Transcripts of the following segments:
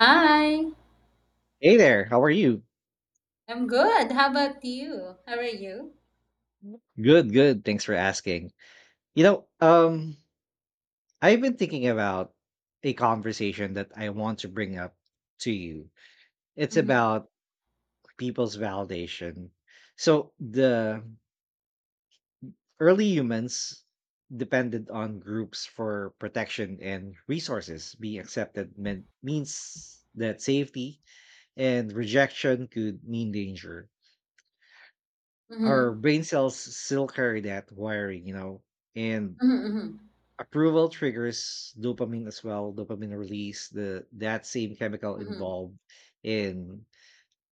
Hi, Hey there, how are you? I'm good. How about you? How are you? Good, good. Thanks for asking. You know, um, I've been thinking about a conversation that I want to bring up to you. It's Mm-hmm. about people's validation. So the early humans depended on groups for protection and resources. Being accepted meant means that safety and rejection could mean danger. Our Mm-hmm. brain cells still carry that wiring, and Mm-hmm. approval triggers dopamine as well, dopamine release, the that same chemical Mm-hmm. involved in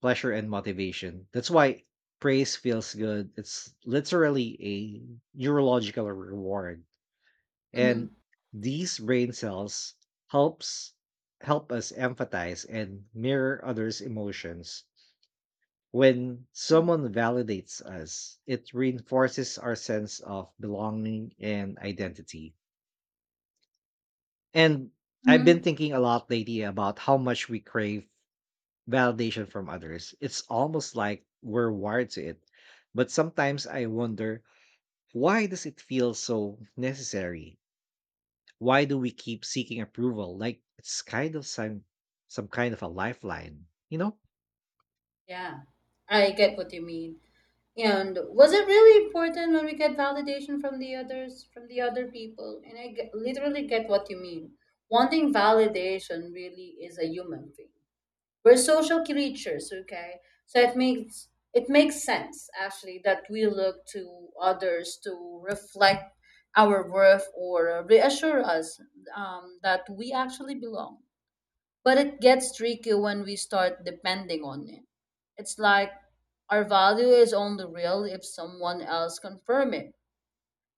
pleasure and motivation. That's why praise feels good. It's literally a neurological reward. Mm-hmm. And these brain cells helps help us empathize and mirror others' emotions. When someone validates us, it reinforces our sense of belonging and identity. And I've been Mm-hmm. thinking a lot lately about how much we crave validation from others. It's almost like we're wired to it. But sometimes I wonder, why does it feel so necessary? Why do we keep seeking approval? Like it's kind of some kind of a lifeline, Yeah, I get what you mean. And was it really important when we get validation from the others, from the other people? And I get, literally get what you mean. Wanting validation really is a human thing. We're social creatures, okay? So it makes sense actually that we look to others to reflect our worth or reassure us, that we actually belong. But it gets tricky when we start depending on it. It's like our value is only real if someone else confirm it.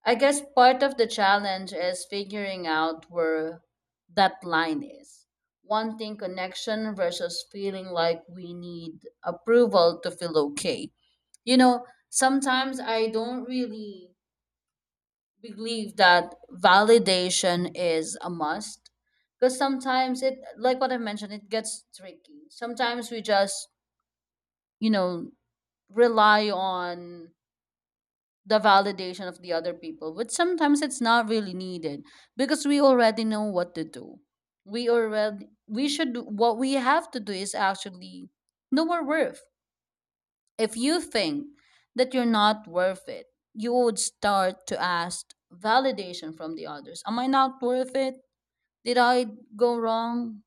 I guess part of the challenge is figuring out where that line is. Wanting connection versus feeling like we need approval to feel okay. Sometimes I don't really believe that validation is a must, because sometimes it, like what I mentioned, it gets tricky. Sometimes we just, you know, rely on the validation of the other people, which sometimes it's not really needed because we already know what to do. We already we should do- What we have to do is actually know our worth. If you think that you're not worth it, you would start to ask validation from the others. Am I not worth it? Did I go wrong?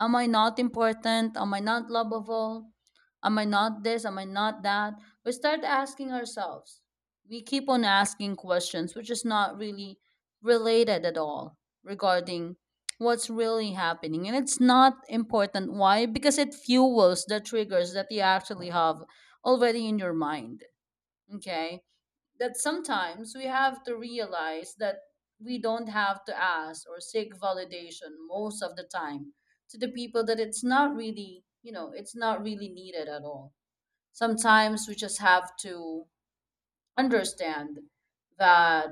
Am I not important? Am I not lovable? Am I not this? Am I not that? We start asking ourselves. We keep on asking questions, which is not really related at all regarding what's really happening. And it's not important. Why? Because it fuels the triggers that you actually have already in your mind, okay, that sometimes we have to realize that we don't have to ask or seek validation most of the time to the people that it's not really needed at all. Sometimes we just have to understand that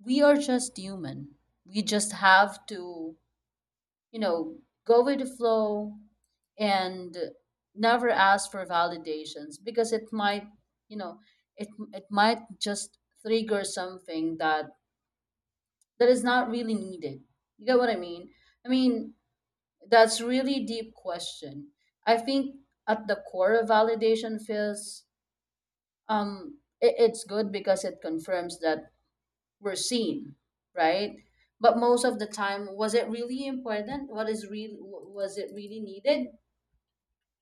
we are just human. We just have to, you know, go with the flow, and never ask for validations because it might, you know, it it might just trigger something that is not really needed. You get what I mean? I mean, that's really deep question. I think at the core of validation feels, it's good because it confirms that we're seen, right? But most of the time, was it really important? What is real? Was it really needed?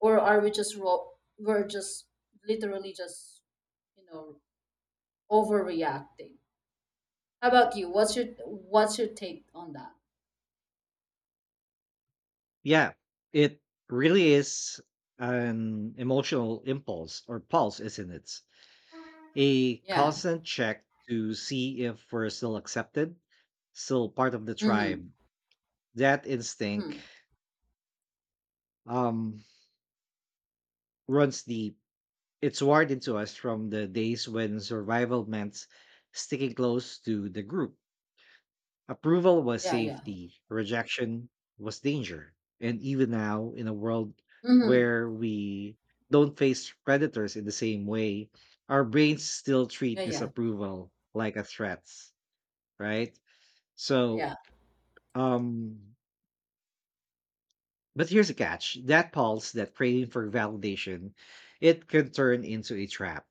Or are we just ro- we're just literally just you know overreacting? How about you? What's your take on that? Yeah, it really is an emotional impulse or pulse, isn't it? A Yeah. constant check to see if we're still accepted, still part of the Mm-hmm. tribe. That instinct Mm-hmm. um, runs deep. It's wired into us from the days when survival meant sticking close to the group. Approval was Yeah, yeah. safety, rejection was danger. And even now, in a world Mm-hmm. where we don't face predators in the same way, our brains still treat Yeah, yeah, disapproval like a threat, right? So, yeah. um, but here's a catch, that pulse, that craving for validation, it can turn into a trap.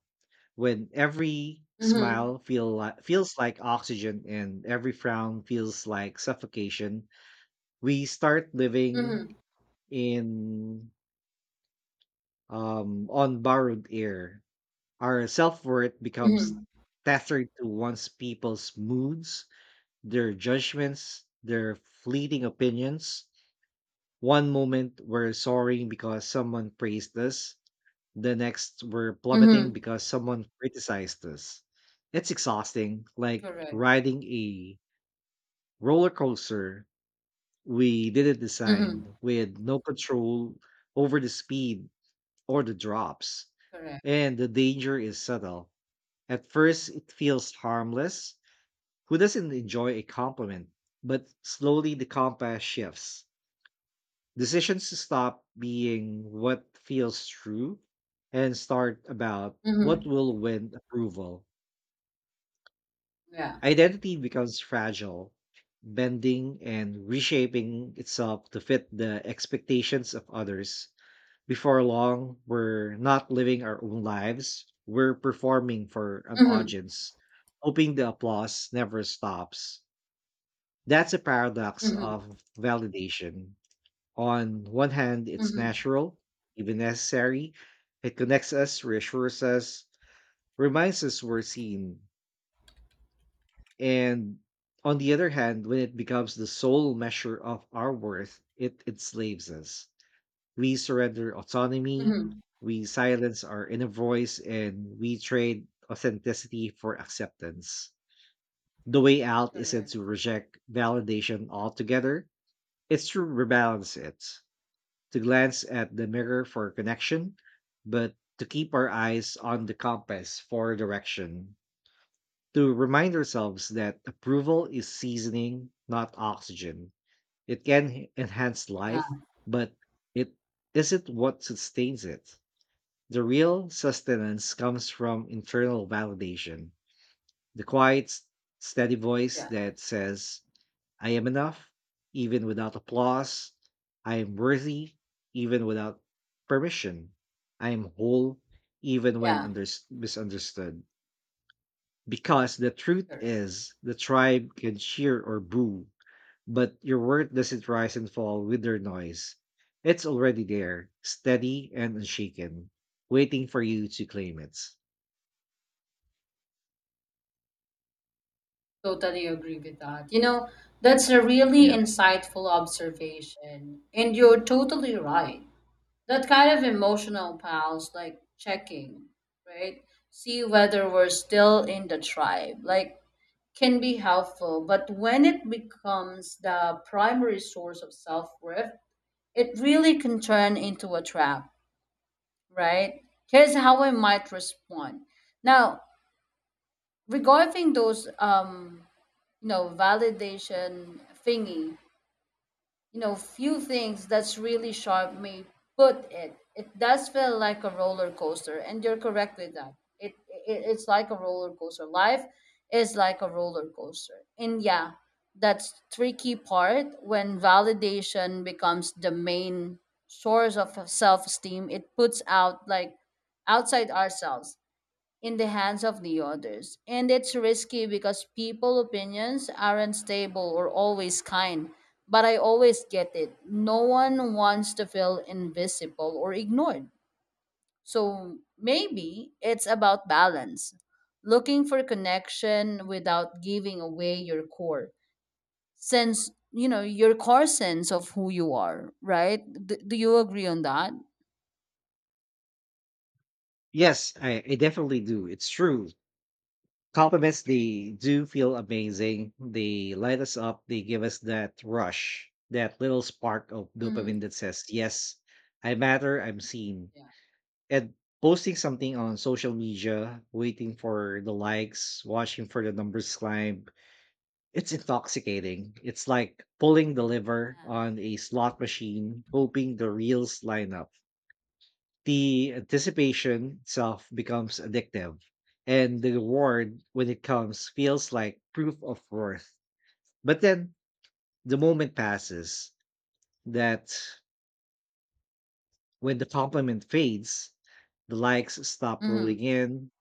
When every Mm-hmm. smile feels like oxygen and every frown feels like suffocation, we start living Mm-hmm. in on borrowed air. Our self-worth becomes Mm-hmm. tethered to one's people's moods, their judgments, their fleeting opinions. One moment we're soaring because someone praised us, the next we're plummeting Mm-hmm. because someone criticized us. It's exhausting, like Correct. riding a roller coaster we did it designed Mm-hmm. with no control over the speed or the drops, Correct. and the danger is subtle. At first, it feels harmless. Who doesn't enjoy a compliment? But slowly, the compass shifts. Decisions to stop being what feels true and start about what Mm-hmm. will win approval. Yeah. Identity becomes fragile, bending and reshaping itself to fit the expectations of others. Before long, we're not living our own lives, we're performing for an Mm-hmm. audience, hoping the applause never stops. That's a paradox Mm-hmm. of validation. On one hand, it's Mm-hmm. natural, even necessary. It connects us, reassures us, reminds us we're seen. And on the other hand, when it becomes the sole measure of our worth, it enslaves us. We surrender autonomy, Mm-hmm. we silence our inner voice, and we trade authenticity for acceptance. The way out isn't Correct. to reject validation altogether, it's to rebalance it, to glance at the mirror for connection, but to keep our eyes on the compass for direction, to remind ourselves that approval is seasoning, not oxygen. It can enhance Yeah, life, but it isn't what sustains it. The real sustenance comes from internal validation, the quiet, steady voice yeah, that says, I am enough, even without applause. I am worthy, even without permission. I am whole, even when yeah. Misunderstood. Because the truth Correct. is, the tribe can cheer or boo, but your worth doesn't rise and fall with their noise. It's already there, steady and unshaken, waiting for you to claim it. Totally agree with that. That's a really Yeah. insightful observation. And you're totally right. That kind of emotional pause, like checking, right? See whether we're still in the tribe, like, can be helpful. But when it becomes the primary source of self worth, it really can turn into a trap, right? Here's how I might respond. Now, regarding those, validation thingy, few things that's really sharp may put it does feel like a roller coaster, and you're correct with that. It's like a roller coaster. Life is like a roller coaster, and yeah, that's tricky part when validation becomes the main source of self-esteem. It puts out like outside ourselves, in the hands of the others. And it's risky because people opinions aren't stable or always kind. But I always get it. No one wants to feel invisible or ignored. So maybe it's about balance, looking for connection without giving away your core sense of who you are, right? Do you agree on that? Yes, I definitely do. It's true. Compliments, they do feel amazing. They light us up. They give us that rush, that little spark of dopamine Mm-hmm. that says, yes, I matter, I'm seen. Yeah. And posting something on social media, waiting for the likes, watching for the numbers climb, it's intoxicating. It's like pulling the lever on a slot machine, hoping the reels line up. The anticipation itself becomes addictive, and the reward when it comes feels like proof of worth. But then the moment passes, that when the compliment fades, the likes stop Mm-hmm. rolling in,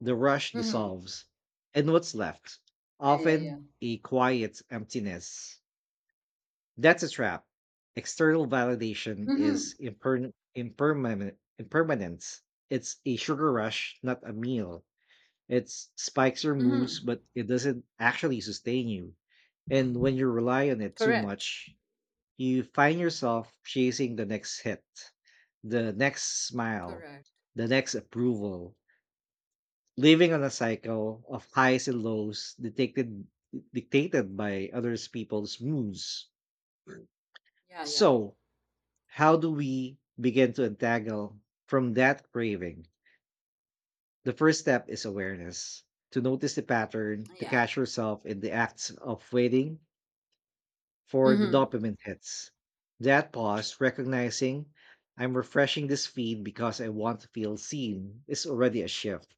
the rush Mm-hmm. dissolves, and what's left? Yeah, yeah, yeah. Often a quiet emptiness. That's a trap. External validation is Mm-hmm. Impermanent. Impermanence. It's a sugar rush, not a meal. It spikes your moods, Mm-hmm. but it doesn't actually sustain you. And when you rely on it too Correct. much, you find yourself chasing the next hit, the next smile, Correct. the next approval, living on a cycle of highs and lows dictated by other people's moods. Yeah, yeah. So, how do we begin to untangle from that craving? The first step is awareness, to notice the pattern, to Yeah. catch yourself in the acts of waiting for the Mm-hmm. dopamine hits. That pause, recognizing I'm refreshing this feed because I want to feel seen, is already a shift.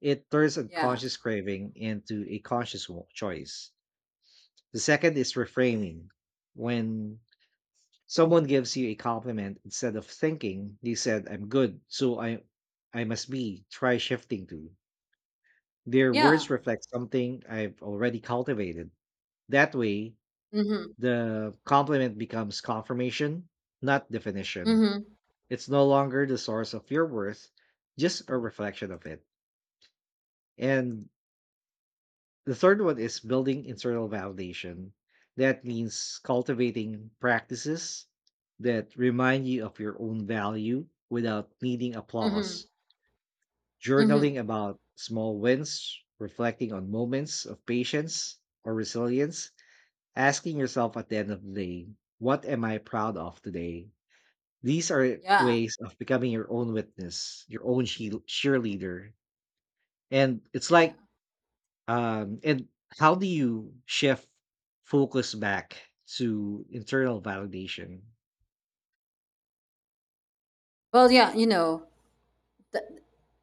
It turns Yeah. unconscious craving into a conscious choice. The second is reframing. When someone gives you a compliment, instead of thinking, they said, I'm good, so I must be, try shifting to, their words Yeah. reflect something I've already cultivated. That way, Mm-hmm. the compliment becomes confirmation, not definition. Mm-hmm. It's no longer the source of your worth, just a reflection of it. And the third one is building internal validation. That means cultivating practices that remind you of your own value without needing Mm-hmm. applause. Mm-hmm. Journaling about small wins, reflecting on moments of patience or resilience, asking yourself at the end of the day, what am I proud of today? These are Yeah. ways of becoming your own witness, your own cheerleader. And it's Yeah. like, and how do you shift focus back to internal validation? Well, yeah, th-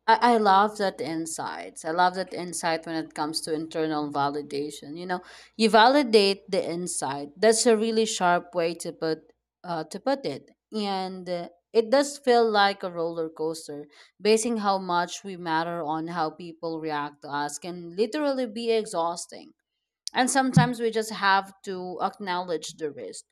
I love that insights. I love that insight when it comes to internal validation. You validate the insight. That's a really sharp way to put it. And it does feel like a roller coaster. Basing how much we matter on how people react to us can literally be exhausting. And sometimes we just have to acknowledge the risk.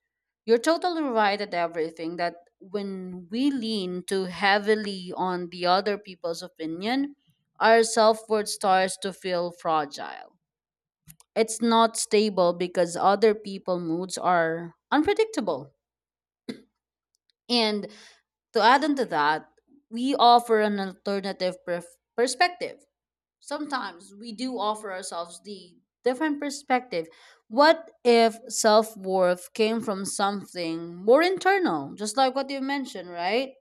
You're totally right at everything, that when we lean too heavily on the other people's opinion, our self worth starts to feel fragile. It's not stable because other people's moods are unpredictable. And to add on to that, we offer an alternative perspective. Sometimes we do offer ourselves the different perspective. What if self worth came from something more internal, just like what you mentioned, right?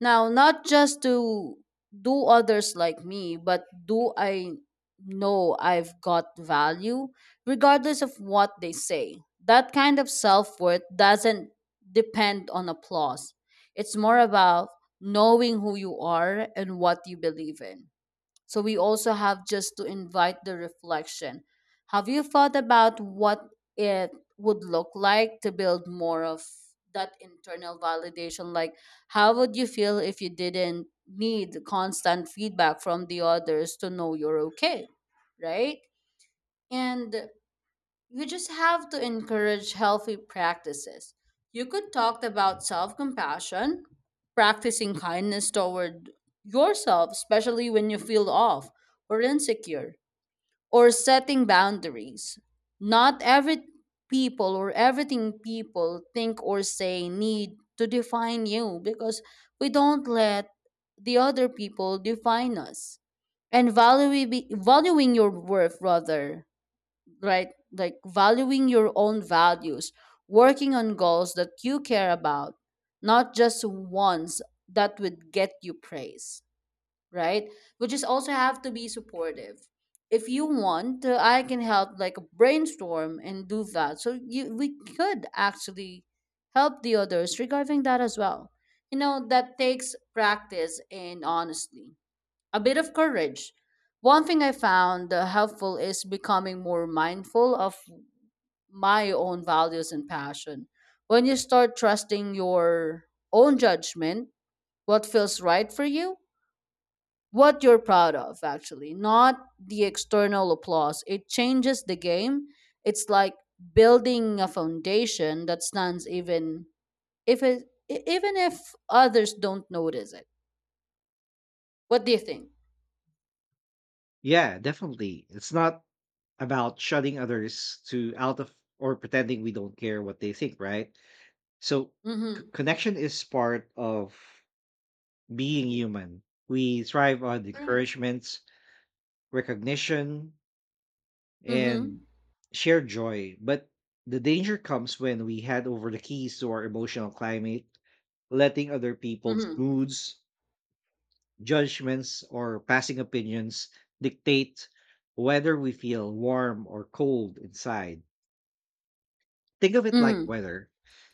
Now, not just to do others like me, but do I know I've got value, regardless of what they say? That kind of self worth doesn't depend on applause. It's more about knowing who you are and what you believe in, so we also have just to invite the reflection. Have you thought about what it would look like to build more of that internal validation? Like, how would you feel if you didn't need constant feedback from the others to know you're okay? Right? And you just have to encourage healthy practices. You could talk about self compassion, practicing kindness toward yourself, especially when you feel off or insecure, or setting boundaries. Not every people or everything people think or say need to define you, because we don't let the other people define us, and valuing your worth rather, right? Like valuing your own values, working on goals that you care about, not just ones that would get you praise, right? Which is also have to be supportive. If you want, I can help like brainstorm and do that. So you we could actually help the others regarding that as well. That takes practice, and honestly a bit of courage. One thing I found, helpful is becoming more mindful of my own values and passion. When you start trusting your own judgment, what feels right for you, what you're proud of, actually, not the external applause, it changes the game. It's like building a foundation that stands even if it, e- even if others don't notice it. What do you think? Yeah, definitely. It's not about shutting others to out of or pretending we don't care what they think, right? So Mm-hmm. connection is part of being human. We thrive on Correct. encouragement, recognition, and Mm-hmm. shared joy. But the danger comes when we hand over the keys to our emotional climate, letting other people's Mm-hmm. moods, judgments, or passing opinions dictate whether we feel warm or cold inside. Think of it like Mhm. weather.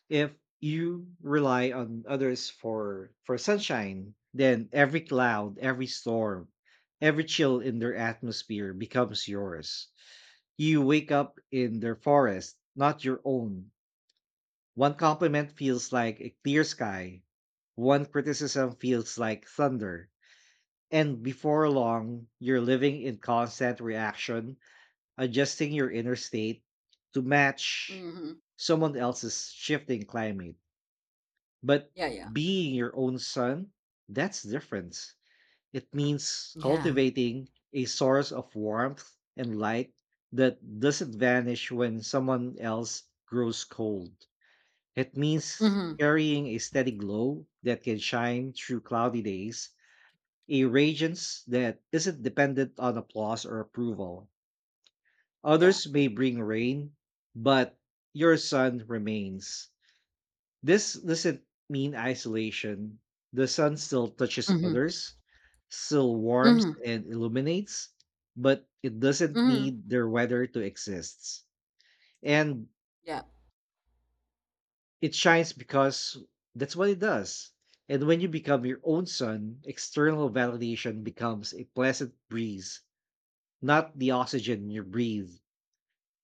If you rely on others for sunshine, then every cloud, every storm, every chill in their atmosphere becomes yours. You wake up in their forest, not your own. One compliment feels like a clear sky. One criticism feels like thunder. And before long, you're living in constant reaction, adjusting your inner state to match Mhm. someone else's shifting climate. But Yeah, yeah. being your own sun, that's different. It means Yeah. cultivating a source of warmth and light that doesn't vanish when someone else grows cold. It means Mhm. carrying a steady glow that can shine through cloudy days, a radiance that isn't dependent on applause or approval. Yeah. Others may bring rain, but your sun remains. This doesn't mean isolation. The sun still touches Mhm. others, still warms Mhm. and illuminates, but it doesn't Mhm. need their weather to exist. And Yeah. it shines because that's what it does. And when you become your own sun, external validation becomes a pleasant breeze, not the oxygen you breathe.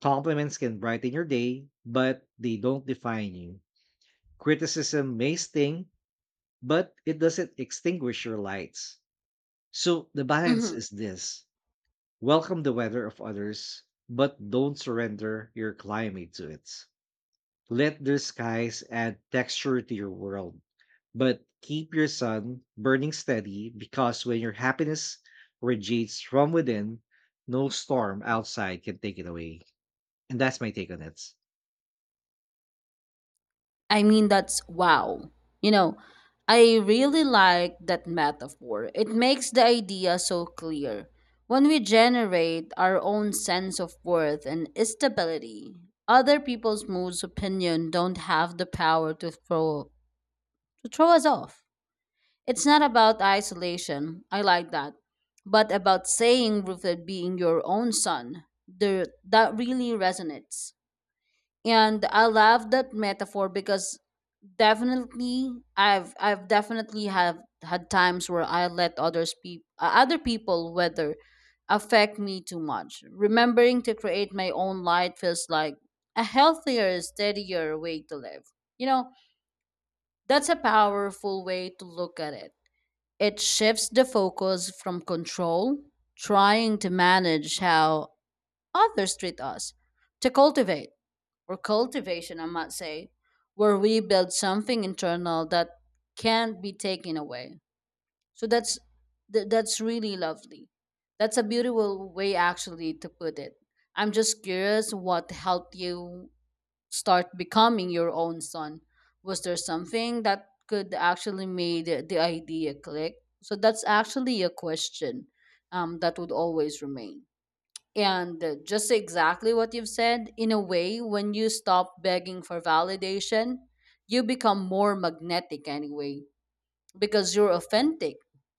Compliments can brighten your day, but they don't define you. Criticism may sting, but it doesn't extinguish your lights. So the balance Mhm. is this, welcome the weather of others, but don't surrender your climate to it. Let their skies add texture to your world, but keep your sun burning steady, because when your happiness radiates from within, no storm outside can take it away. And that's my take on it. I mean, that's wow. You know, I really like that metaphor. It makes the idea so clear. When we generate our own sense of worth and stability, other people's moods opinion don't have the power to throw us off. It's not about isolation, I like that, but about saying rooted being your own son. That really resonates. And I love that metaphor because definitely I've definitely have had times where I let other people whether affect me too much. Remembering to create my own light feels like a healthier, steadier way to live. You know, that's a powerful way to look at it. It shifts the focus from control, trying to manage how others treat us, to cultivate, or cultivation, I might say, where we build something internal that can't be taken away. So that's really lovely. That's a beautiful way, actually, to put it. I'm just curious, what helped you start becoming your own son? Was there something that could actually made the idea click? So that's actually a question, that would always remain. And just exactly what you've said, in a way, when you stop begging for validation, you become more magnetic anyway, because you're authentic.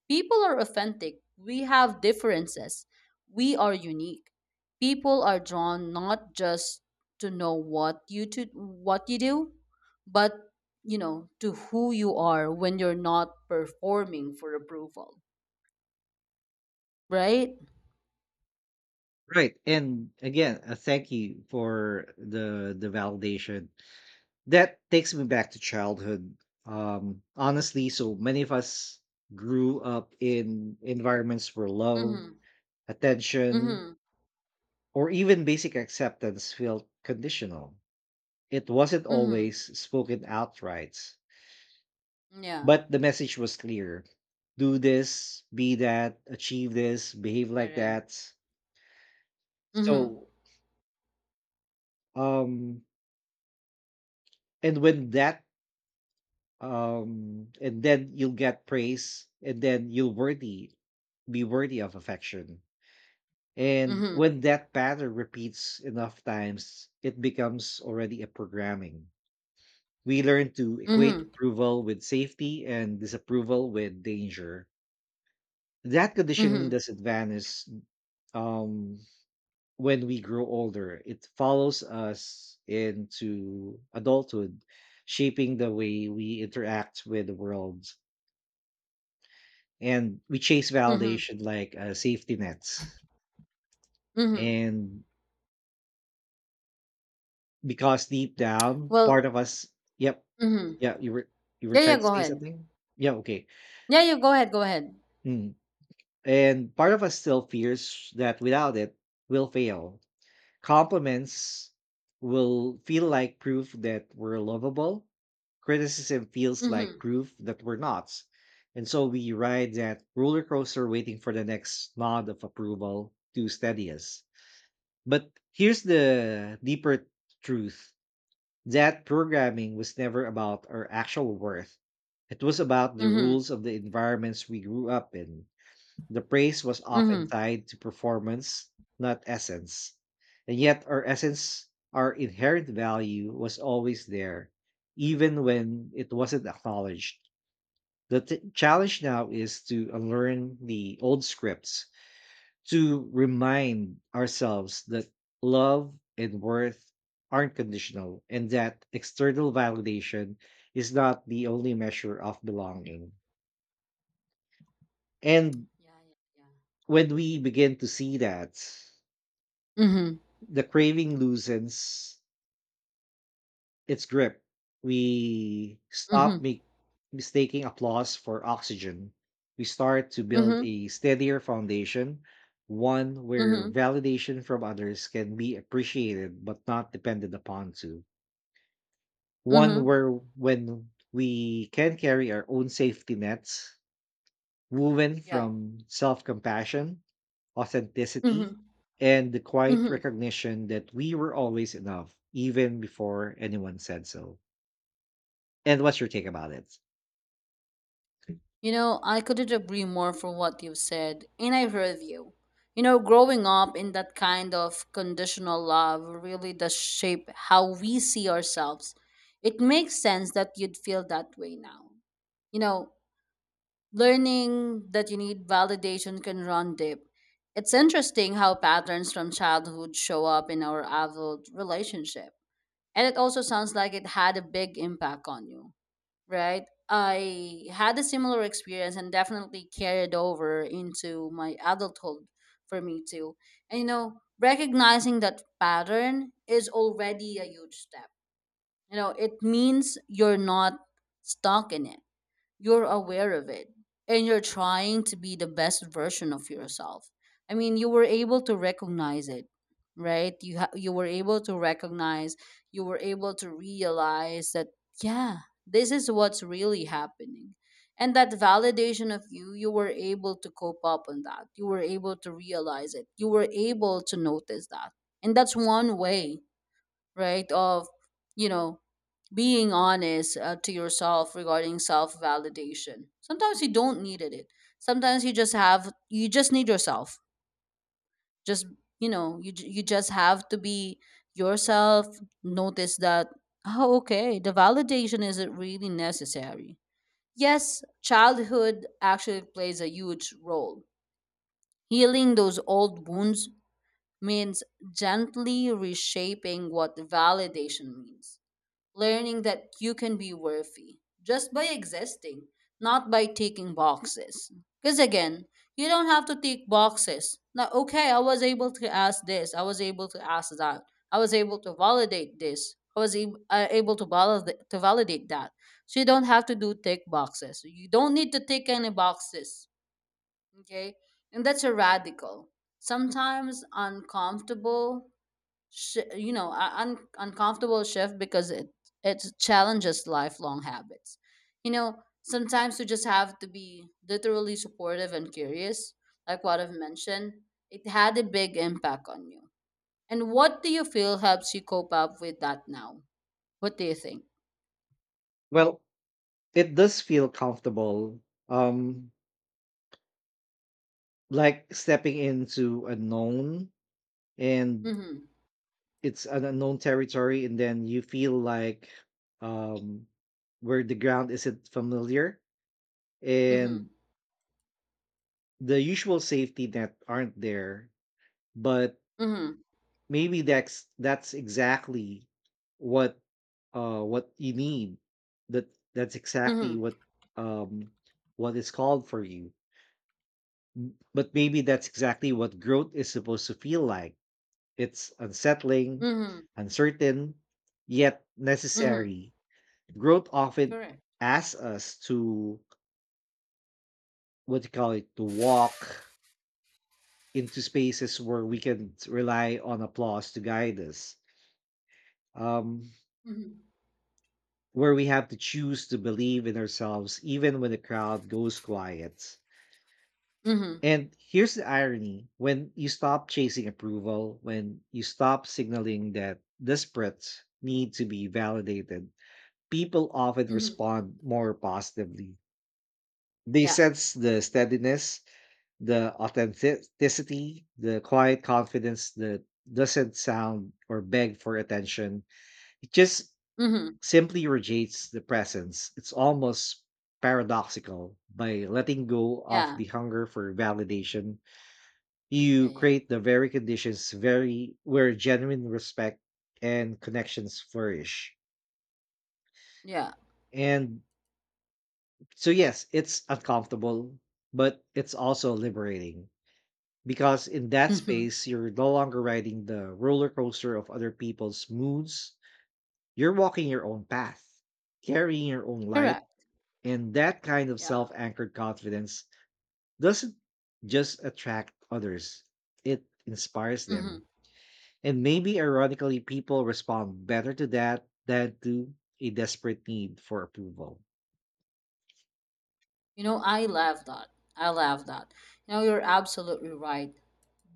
People are authentic. We have differences. We are unique. People are drawn not just to know what you to what you do, but to who you are when you're not performing for approval, right? Right. And again, a thank you for the validation. That takes me back to childhood. Honestly, so many of us grew up in environments where love, Mhm. attention, Mhm. or even basic acceptance felt conditional. It wasn't Mhm. always spoken outright. Yeah. But the message was clear. Do this, be that, achieve this, behave like Correct. that. Mhm. So um and when that and then you'll get praise and then you'll worthy be worthy of affection. And Mhm. when that pattern repeats enough times, it becomes already a programming. We learn to equate Mhm. approval with safety and disapproval with danger. That conditioning Mhm. doesn't vanish. Um, when we grow older, it follows us into adulthood, shaping the way we interact with the world. And we chase Mhm. validation like safety nets. Mhm. And because deep down, Well, part of us, yep, mhm. yeah, you were Yeah, yeah, trying to go say ahead. something? Yeah, okay. Yeah, yeah, go ahead. Go ahead. Mm. And part of us still fears that without it, we'll fail. Compliments will feel like proof that we're lovable. Criticism feels like Mhm. proof that we're not. And so we ride that roller coaster waiting for the next nod of approval to steady us. But here's the deeper truth, that programming was never about our actual worth. It was about the Mhm. rules of the environments we grew up in. The praise was often Mhm. tied to performance, not essence. And yet our essence, our inherent value was always there, even when it wasn't acknowledged. The challenge now is to unlearn the old scripts, to remind ourselves that love and worth aren't conditional and that external validation is not the only measure of belonging. And Yeah, yeah, when we begin to see that, yeah. Mhm. the craving loosens its grip. We Mhm. Mistaking applause for oxygen. We start to build Mhm. a steadier foundation, one where Mhm. validation from others can be appreciated but not depended upon to. One Mhm. where when we can carry our own safety nets woven Yeah. from self compassion, authenticity, Mhm. and the quiet Mhm. recognition that we were always enough, even before anyone said so. And what's your take about it? I couldn't agree more for what you have said, and I agree with you. Growing up in that kind of conditional love really does shape how we see ourselves. It makes sense that you'd feel that way now. You know, Learning that you need validation can run deep. It's interesting how patterns from childhood show up in our adult relationship. And it also sounds like it had a big impact on you. Right, I had a similar experience and definitely carried over into my adulthood. For me too. And recognizing that pattern is already a huge step. You know, it means you're not stuck in it, you're aware of it, and you're trying to be the best version of yourself. I mean, you were able to recognize it, right? You were able to recognize, you were able to realize that, yeah, this is what's really happening. And that validation of you were able to cope up on that, you were able to realize it, you were able to notice that. And that's one way, right, of you know being honest to yourself regarding self validation. Sometimes you don't need it. Sometimes you just need yourself. Just, you just have to be yourself. Notice that, oh, okay, the validation isn't really necessary. Yes, childhood actually plays a huge role. Healing those old wounds means gently reshaping what validation means, learning that you can be worthy just by existing, not by taking boxes. Because again, you don't have to take boxes. Now, okay, I was able to ask this, I was able to ask that, I was able to validate this, I was to validate that. So you don't have to do tick boxes. You don't need to tick any boxes. Okay? And that's a radical, sometimes uncomfortable uncomfortable shift because it challenges lifelong habits. You know, sometimes you just have to be literally supportive and curious, like what I've mentioned. It had a big impact on you, and what do you feel helps you cope up with that now? What do you think? Well, it does feel comfortable, um, like stepping into a known and Mm-hmm. it's an unknown territory, and then you feel like um, where the ground isn't familiar Mm-hmm. and the usual safety net aren't there, but Mm-hmm. maybe that's exactly what what you need. That that's exactly Mm-hmm. Um what is called for you. But maybe that's exactly what growth is supposed to feel like. It's unsettling, Mm-hmm. uncertain, yet Mm-hmm. necessary. Growth often Correct. asks us to, what do you call it, to walk into spaces where we can rely on applause to guide us. Um, Mm-hmm. where we have to choose to believe in ourselves even when the crowd goes quiet. Mm-hmm. And here's the irony, when you stop chasing approval, when you stop signaling that desperate need to be validated, people often Mm-hmm. respond more positively. They Yeah. sense the steadiness, the authenticity, the quiet confidence that doesn't sound or beg for attention. It just Mm-hmm. simply rejects the presence. It's almost paradoxical. By letting go of Yeah, the hunger for validation, yeah, you yeah. create the very conditions very where genuine respect and connections flourish. Yeah. And so yes, it's uncomfortable, but it's also liberating. Because in that Mm-hmm. space, you're no longer riding the roller coaster of other people's moods. You're walking your own path, carrying your own light. Correct. And that kind of Yeah. self anchored confidence doesn't just attract others, it inspires them. Mm-hmm. And maybe ironically, people respond better to that than to a desperate need for approval. You know, I love that. I love that. You know, you're absolutely right.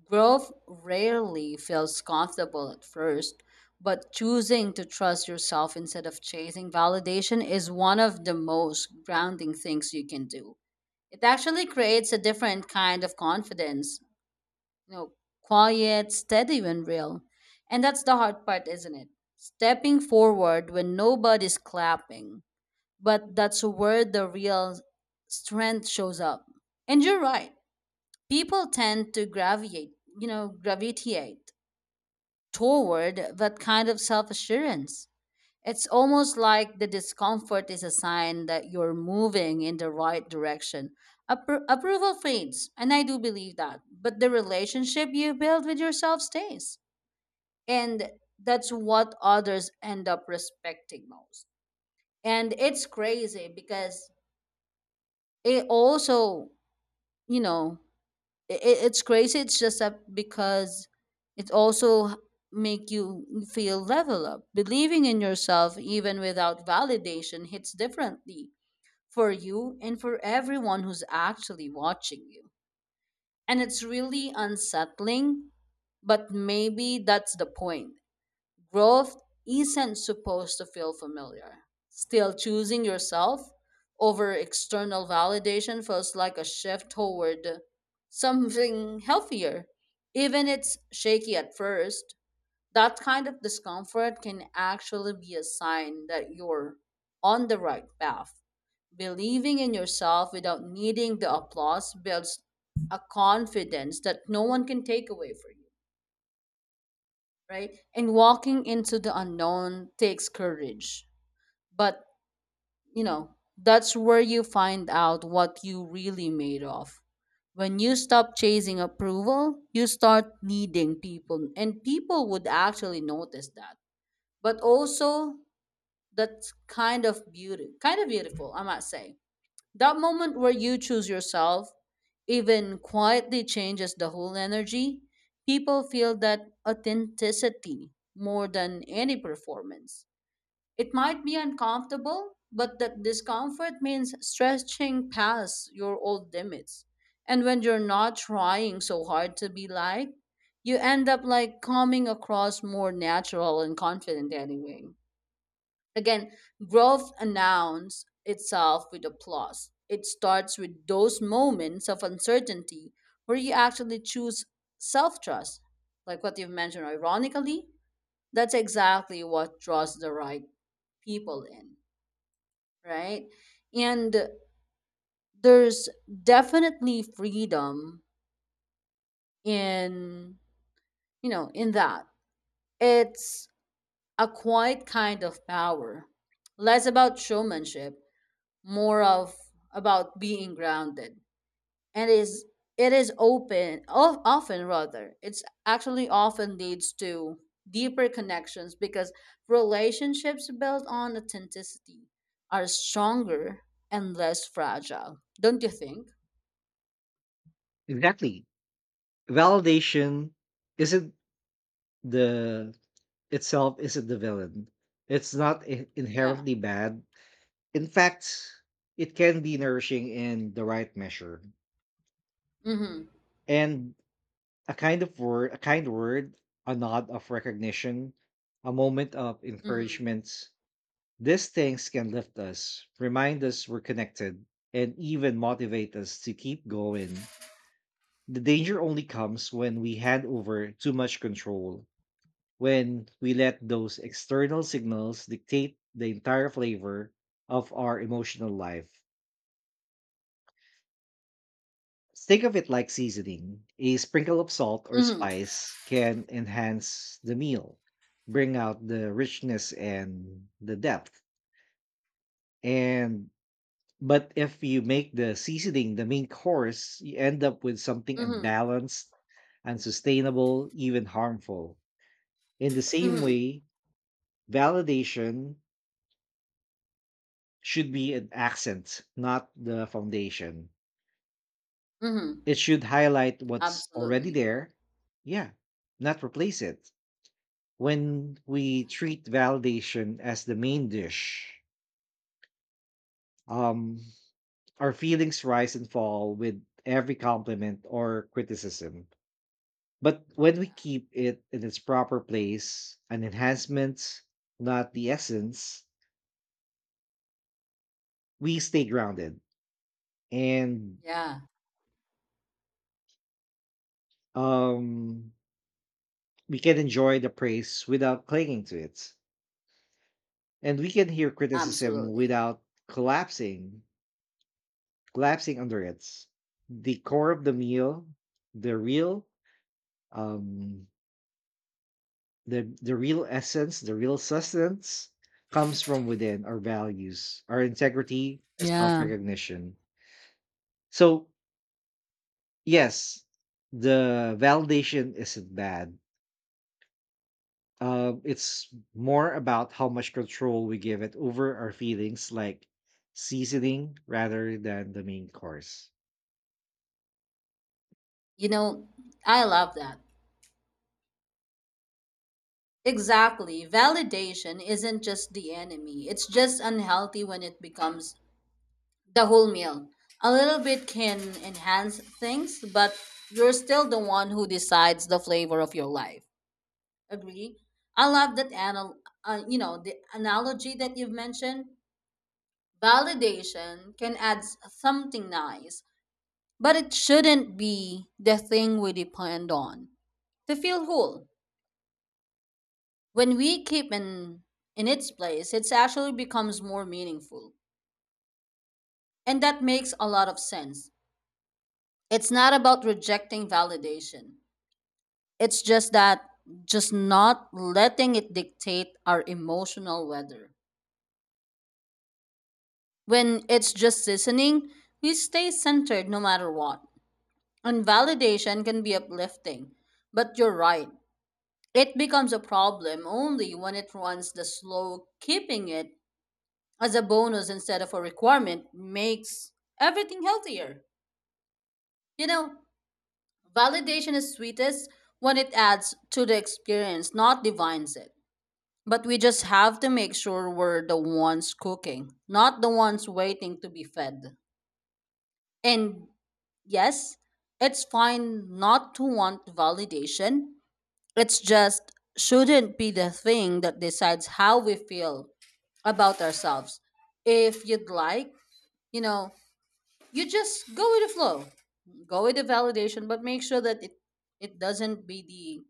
Growth rarely feels comfortable at first, but choosing to trust yourself instead of chasing validation is one of the most grounding things you can do. It actually creates a different kind of confidence, you know, quiet, steady, and real. And that's the hard part, isn't it? Stepping forward when nobody's clapping, but that's where the real strength shows up. And you're right. People tend to gravitate, you know, gravitate toward that kind of self-assurance. It's almost like the discomfort is a sign that you're moving in the right direction. Approval fades, and I do believe that, but the relationship you build with yourself stays. And that's what others end up respecting most. And it's crazy because it also, you know it, it's crazy, it's just that because it also make you feel level up. Believing in yourself even without validation hits differently for you and for everyone who's actually watching you. And it's really unsettling, but maybe that's the point. Growth isn't supposed to feel familiar. Still, choosing yourself over external validation feels like a shift toward something healthier. Even it's shaky at first, that kind of discomfort can actually be a sign that you're on the right path. Believing in yourself without needing the applause builds a confidence that no one can take away from you, right? And walking into the unknown takes courage. But, you know, that's where you find out what you really made of. When you stop chasing approval, you start needing people, and people would actually notice that. But also, that's kind of beauty, kind of beautiful, I might say. That moment where you choose yourself, even quietly, changes the whole energy. People feel that authenticity more than any performance. It might be uncomfortable, but that discomfort means stretching past your old limits. And when you're not trying so hard to be liked, you end up like coming across more natural and confident anyway. Again, growth announces itself with applause. It starts with those moments of uncertainty where you actually choose self trust, like what you've mentioned. Ironically, that's exactly what draws the right people in, right? And there's definitely freedom in, you know, in that. It's a quiet kind of power, less about showmanship, more of about being grounded. And is it is open of, Often, rather, it's actually often leads to deeper connections because relationships built on authenticity are stronger and less fragile, don't you think? Exactly. Validation isn't the itself isn't the villain. It's not Yeah. inherently bad. In fact, it can be nourishing in the right measure. Mm-hmm. And a kind of word, a kind word, a nod of recognition, a moment of Mm-hmm. encouragement. These things can lift us, remind us we're connected, and even motivate us to keep going. The danger only comes when we hand over too much control, when we let those external signals dictate the entire flavor of our emotional life. Think of it like seasoning. A sprinkle of salt or Mm-hmm. spice can enhance the meal, bring out the richness and the depth. And but if you make the seasoning the main course, you end up with something Mm-hmm. unbalanced, unsustainable, even harmful. In the same Mm-hmm, way, validation should be an accent, not the foundation. mm-hmm. It should highlight what's already Absolutely. there. Yeah, not replace it. When we Yeah, treat validation as the main dish, um, our feelings rise and fall with every compliment or criticism. But when we yeah, keep it in its proper place, an enhancement, not the essence, we stay grounded and yeah. um, we can enjoy the praise without clinging to it. And we can hear criticism Absolutely. without collapsing. Collapsing under it. The core of the meal, the real, um, the real essence, the real sustenance comes from within our values, our integrity, our self Yeah. recognition. So yes, the validation isn't bad. It's more about how much control we give it over our feelings, like seasoning rather than the main course. You know, I love that. Exactly. Validation isn't just the enemy. It's just unhealthy when it becomes the whole meal. A little bit can enhance things, but you're still the one who decides the flavor of your life. Agree? I love that you know, the analogy that you've mentioned. Validation can add something nice, but it shouldn't be the thing we depend on to feel whole. When we keep in its place, it actually becomes more meaningful. And that makes a lot of sense. It's not about rejecting validation. It's just that just not letting it dictate our emotional weather. When it's just listening, we stay centered no matter what. And validation can be uplifting. But you're right. It becomes a problem only when it runs the slow. Keeping it as a bonus instead of a requirement makes everything healthier. You know, validation is sweetest when it adds to the experience, not defines it. But we just have to make sure we're the ones cooking, not the ones waiting to be fed. And yes, it's fine not to want validation. It's just shouldn't be the thing that decides how we feel about ourselves. If you'd like, you know, you just go with the flow, go with the validation, but make sure that it doesn't be the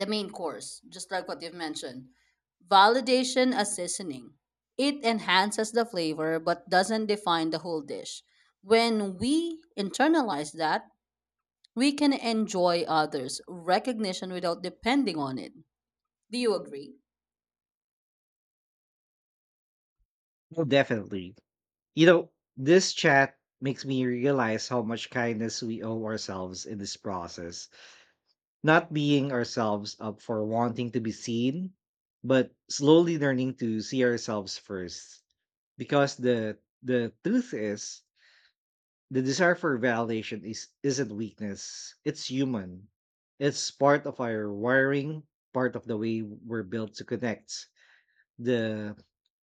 the main course, just like what you've mentioned. Validation as seasoning, it enhances the flavor but doesn't define the whole dish. When we internalize that, we can enjoy others recognition without depending on it. Do you agree? Well, definitely. You know, this chat makes me realize how much kindness we owe ourselves in this process, not being ourselves up for wanting to be seen, but slowly learning to see ourselves first. Because the truth is, the desire for validation is isn't weakness. It's human. It's part of our wiring, part of the way we're built to connect. The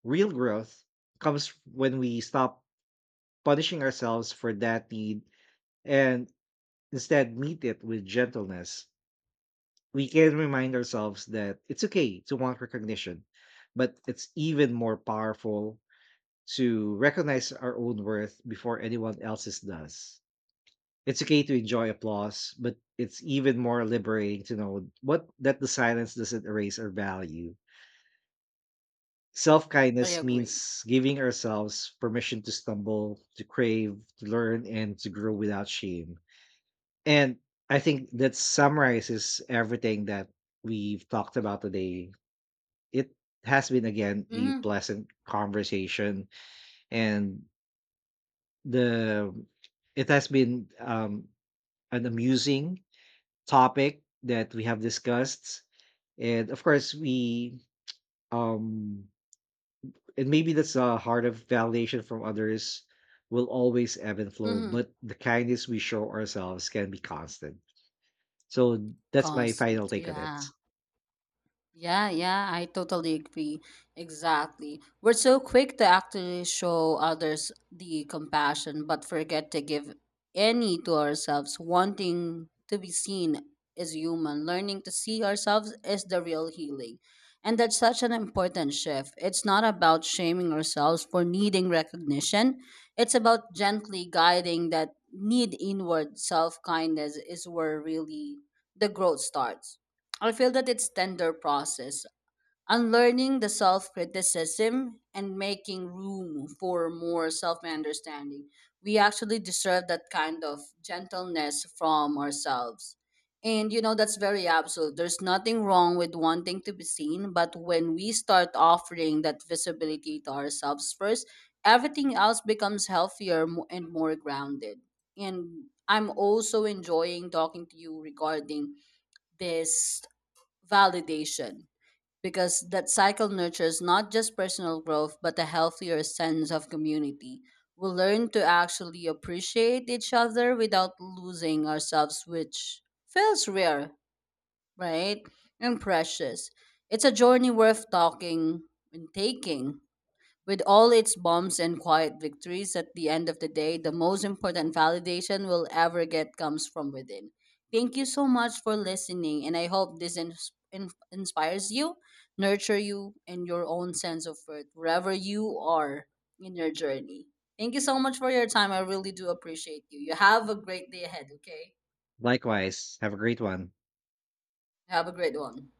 real growth comes when we stop punishing ourselves for that need and instead meet it with gentleness. We can remind ourselves that it's okay to want recognition, but it's even more powerful to recognize our own worth before anyone else's does. It's okay to enjoy applause, but it's even more liberating to know what that the silence doesn't erase our value. Self I kindness agree. means giving ourselves permission to stumble, to crave, to learn, and to grow without shame. And I think that summarizes everything that we've talked about today. It has been again a Mm-hmm. pleasant conversation and the it has been an amusing topic that we have discussed. And of course we um and maybe that's the heart of validation from others will always ebb and flow, Mm-hmm. but the kindness we show ourselves can be constant. So that's my final Constant, take on it. yeah. Yeah, yeah, I totally agree. Exactly. We're so quick to actually show others the compassion, but forget to give any to ourselves. Wanting to be seen is human. Learning to see ourselves is the real healing. And that's such an important shift. It's not about shaming ourselves for needing recognition, it's about gently guiding that need inward. Self kindness is where really the growth starts. I feel that it's tender process, unlearning the self-criticism and making room for more self-understanding. We actually deserve that kind of gentleness from ourselves. And you know that's very absolute. There's nothing wrong with wanting to be seen, but when we start offering that visibility to ourselves first, everything else becomes healthier and more grounded. And I'm also enjoying talking to you regarding this validation, because that cycle nurtures not just personal growth but a healthier sense of community. We learn to actually appreciate each other without losing ourselves, which feels rare, right? And precious. It's a journey worth talking and taking. With all its bumps and quiet victories, at the end of the day, the most important validation we'll ever get comes from within. Thank you so much for listening, and I hope this inspires you, nurture you, and your own sense of worth wherever you are in your journey. Thank you so much for your time. I really do appreciate you. You have a great day ahead, okay? Likewise. Have a great one. Have a great one.